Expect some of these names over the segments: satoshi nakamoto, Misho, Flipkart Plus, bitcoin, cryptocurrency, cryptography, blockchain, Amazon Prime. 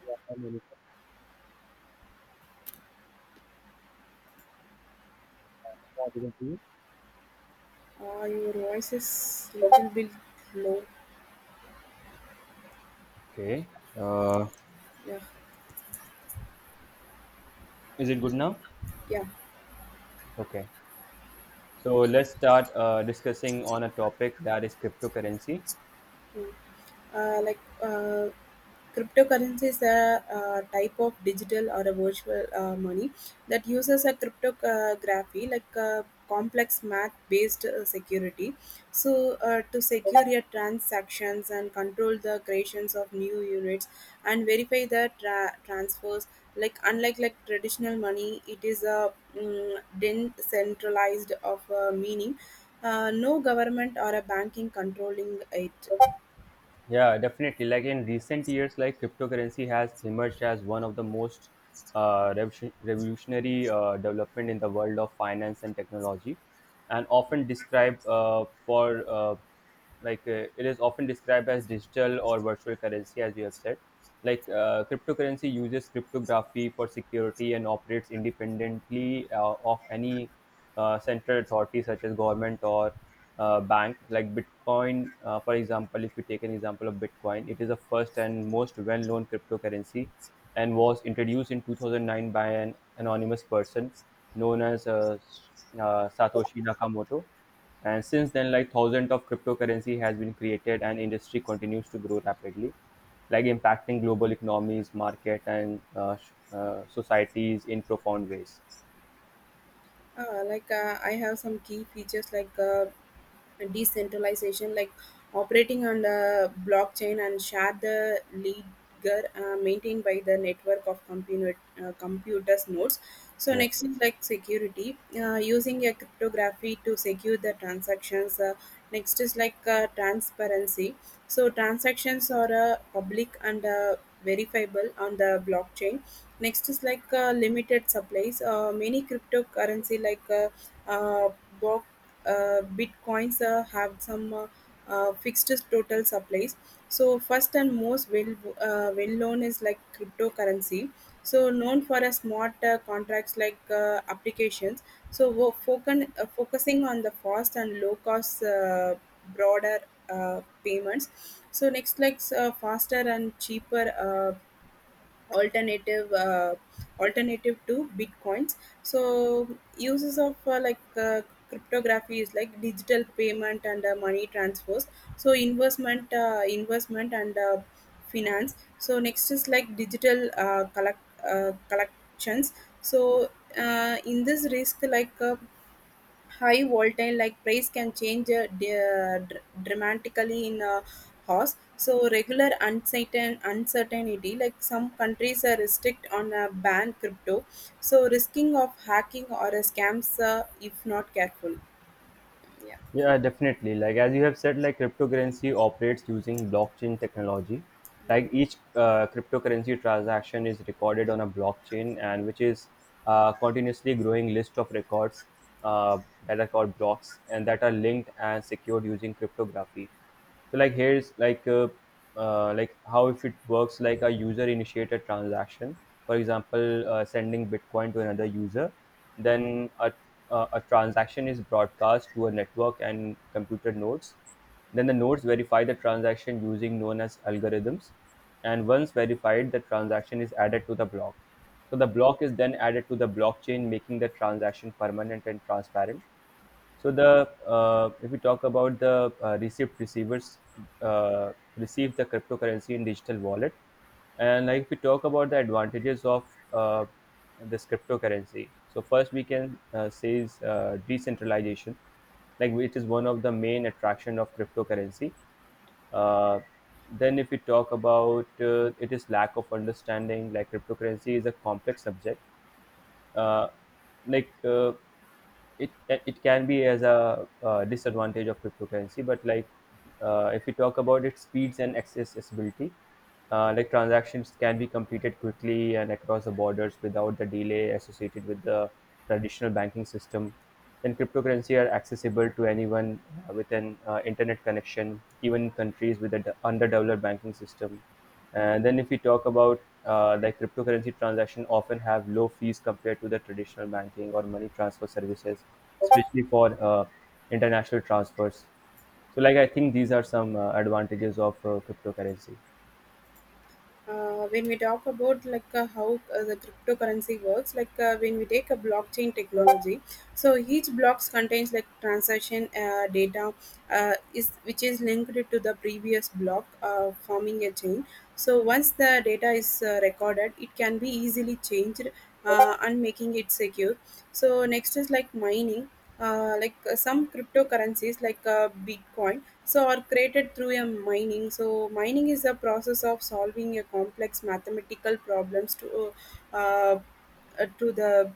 Yeah, Your voice is little bit low. okay. Uh, Yeah, is it good now? yeah. Okay. So let's start discussing on a topic that is cryptocurrency. Mm. uh, like uh, Cryptocurrency is a type of digital or a virtual money that uses a cryptography like a complex math based security, so to secure your transactions and control the creations of new units and verify the transfers. Unlike traditional money, it is a decentralized of meaning no government or a banking controlling it. Yeah, definitely. Like in recent years, like cryptocurrency has emerged as one of the most revolutionary development in the world of finance and technology, and often described for like it is often described as digital or virtual currency, as you have said. Cryptocurrency uses cryptography for security and operates independently of any central authorities such as government or bank like bitcoin for example if we take an example of bitcoin, it is the first and most well-known cryptocurrency and was introduced in 2009 by an anonymous person known as Satoshi Nakamoto. And since then, like, thousands of cryptocurrency has been created and industry continues to grow rapidly, like impacting global economies market and societies in profound ways. I have some key features like decentralization, like operating on the blockchain and share the ledger maintained by the network of computers nodes. So Yeah. next is like security, using a cryptography to secure the transactions. Next is like transparency. So transactions are public and verifiable on the blockchain. Next is like limited supplies. Many cryptocurrency like uh, bo- bitcoins have some fixed total supplies. So first and most well known is like cryptocurrency, so known for a smart contracts like applications. So we're focusing on the fast and low cost broader payments. So next like faster and cheaper alternative uh, alternative to bitcoins. So uses of cryptography is like digital payment and money transfers. So investment and finance. So next is like digital collections. So in this risk like high volatile, like price can change dramatically in a horse. So regular uncertainty, like some countries are restrict on a ban crypto. So risking of hacking or a scams if not careful. Yeah. Yeah, definitely. Like as you have said, like cryptocurrency operates using blockchain technology. Like each cryptocurrency transaction is recorded on a blockchain, and which is a continuously growing list of records uh, that are called blocks and that are linked and secured using cryptography. So like here's how if it works, like a user initiated transaction, for example sending bitcoin to another user, then a transaction is broadcast to a network and computer nodes. Then the nodes verify the transaction using known as algorithms, and once verified the transaction is added to the block. So the block is then added to the blockchain, making the transaction permanent and transparent. So the if we talk about the receipt receivers receive the cryptocurrency in digital wallet, and like if we talk about the advantages of this cryptocurrency. So first we can say is decentralization, like it is one of the main attraction of cryptocurrency. Uh, then if we talk about it is lack of understanding, like cryptocurrency is a complex subject. uh, like uh, it can be as a disadvantage of cryptocurrency, but like if we talk about its speeds and accessibility, like transactions can be completed quickly and across the borders without the delay associated with the traditional banking system. Then cryptocurrency are accessible to anyone with an internet connection even in countries with an underdeveloped banking system. And then if we talk about like cryptocurrency transactions, often have low fees compared to the traditional banking or money transfer services, especially for international transfers. So like I think these are some advantages of cryptocurrency. When we talk about like how the cryptocurrency works, like when we take a blockchain technology, so each blocks contains like transaction data is which is linked to the previous block, forming a chain. So once the data is recorded, it can be easily changed and making it secure. So next is like mining. Some cryptocurrencies like bitcoin so are created through a mining. So mining is a process of solving a complex mathematical problems uh, to the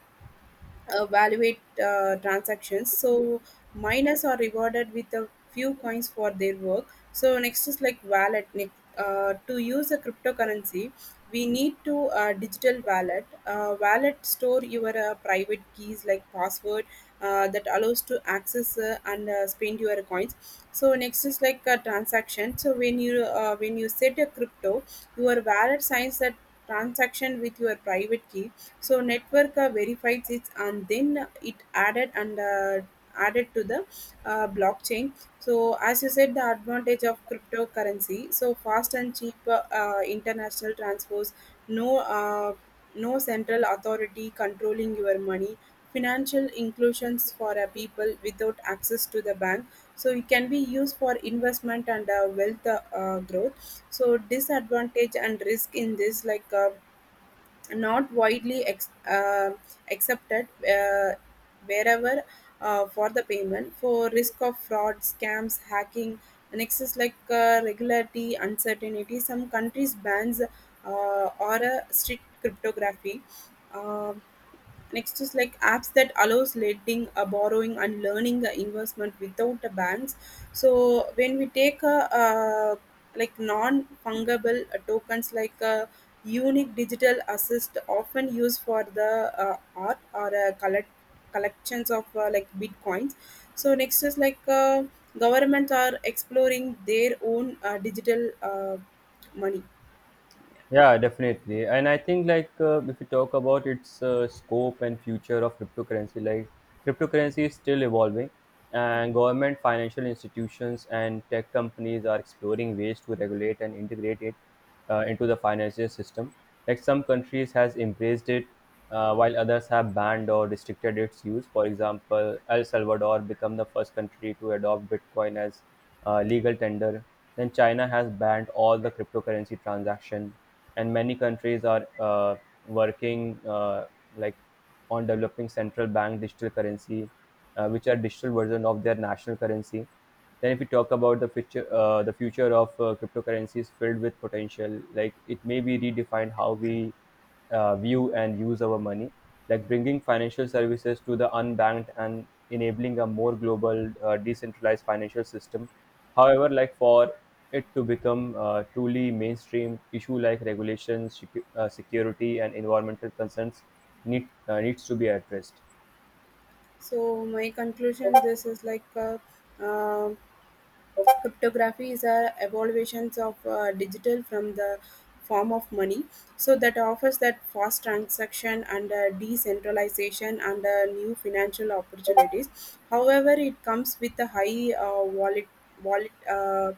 evaluate transactions. So miners are rewarded with a few coins for their work. So next is like wallet. To use a cryptocurrency, we need to digital wallet. Wallet store your private keys like password that allows to access and spend your coins. So next is like a transaction. So when you set a crypto, your wallet signs that transaction with your private key, so network verifies it and then it added to the blockchain. So as you said, the advantage of cryptocurrency, so fast and cheap international transfers, no uh, no central authority controlling your money, financial inclusions for a people without access to the bank. So it can be used for investment and wealth growth. So disadvantage and risk in this, like not widely accepted wherever for the payment, for risk of fraud, scams, hacking. Nexus like regularity uncertainty, some countries bans or a strict cryptography. uh Next is like apps that allows lending, borrowing and learning investment without a bans. So when we take a uh, like non fungible tokens like unique digital assets often used for the art or collections of like bitcoins. So next is like governments are exploring their own digital money. Yeah, definitely. And I think like if you talk about its scope and future of cryptocurrency, like cryptocurrency is still evolving, and government, financial institutions, and tech companies are exploring ways to regulate and integrate it into the financial system. Like some countries has embraced it, while others have banned or restricted its use. For example, El Salvador became the first country to adopt Bitcoin as legal tender. Then China has banned all the cryptocurrency transaction, and many countries are working like on developing central bank digital currency, which are digital version of their national currency. Then, if we talk about the future, the future of cryptocurrencies filled with potential, like it may be redefined how we view and use our money, like bringing financial services to the unbanked and enabling a more global, decentralized financial system. However, like for it to become truly mainstream, issue like regulations, security, and environmental concerns needs to be addressed. So my conclusion, this is like. Um Cryptography is a evolutions of digital from the form of money, so that offers that fast transaction and decentralization and new financial opportunities. However, it comes with a high wallet.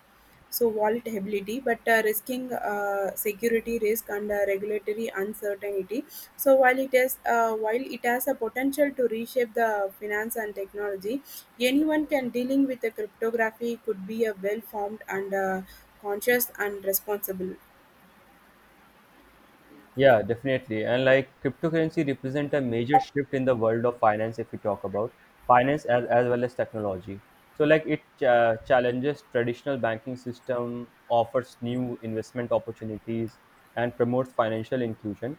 So volatility, but risking security risk and regulatory uncertainty. So while it has a potential to reshape the finance and technology, anyone can dealing with the cryptography could be a well formed and conscious and responsible. Yeah, definitely. And like cryptocurrency represent a major shift in the world of finance if we talk about finance as well as technology. So like it challenges traditional banking system, offers new investment opportunities and promotes financial inclusion.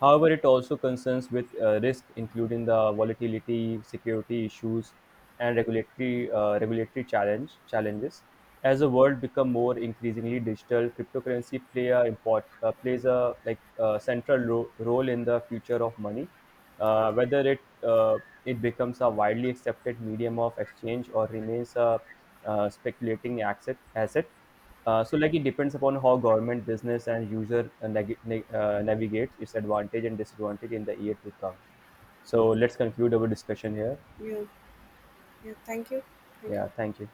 However, it also concerns with risk including the volatility, security issues and regulatory challenges. As the world become more increasingly digital, cryptocurrency plays a central role in the future of money. Whether it becomes a widely accepted medium of exchange or remains a speculating asset. So like it depends upon how government, business, and user navigates its advantage and disadvantage in the year to come. So let's conclude our discussion here. You, Thank you, thank you. Yeah, thank you.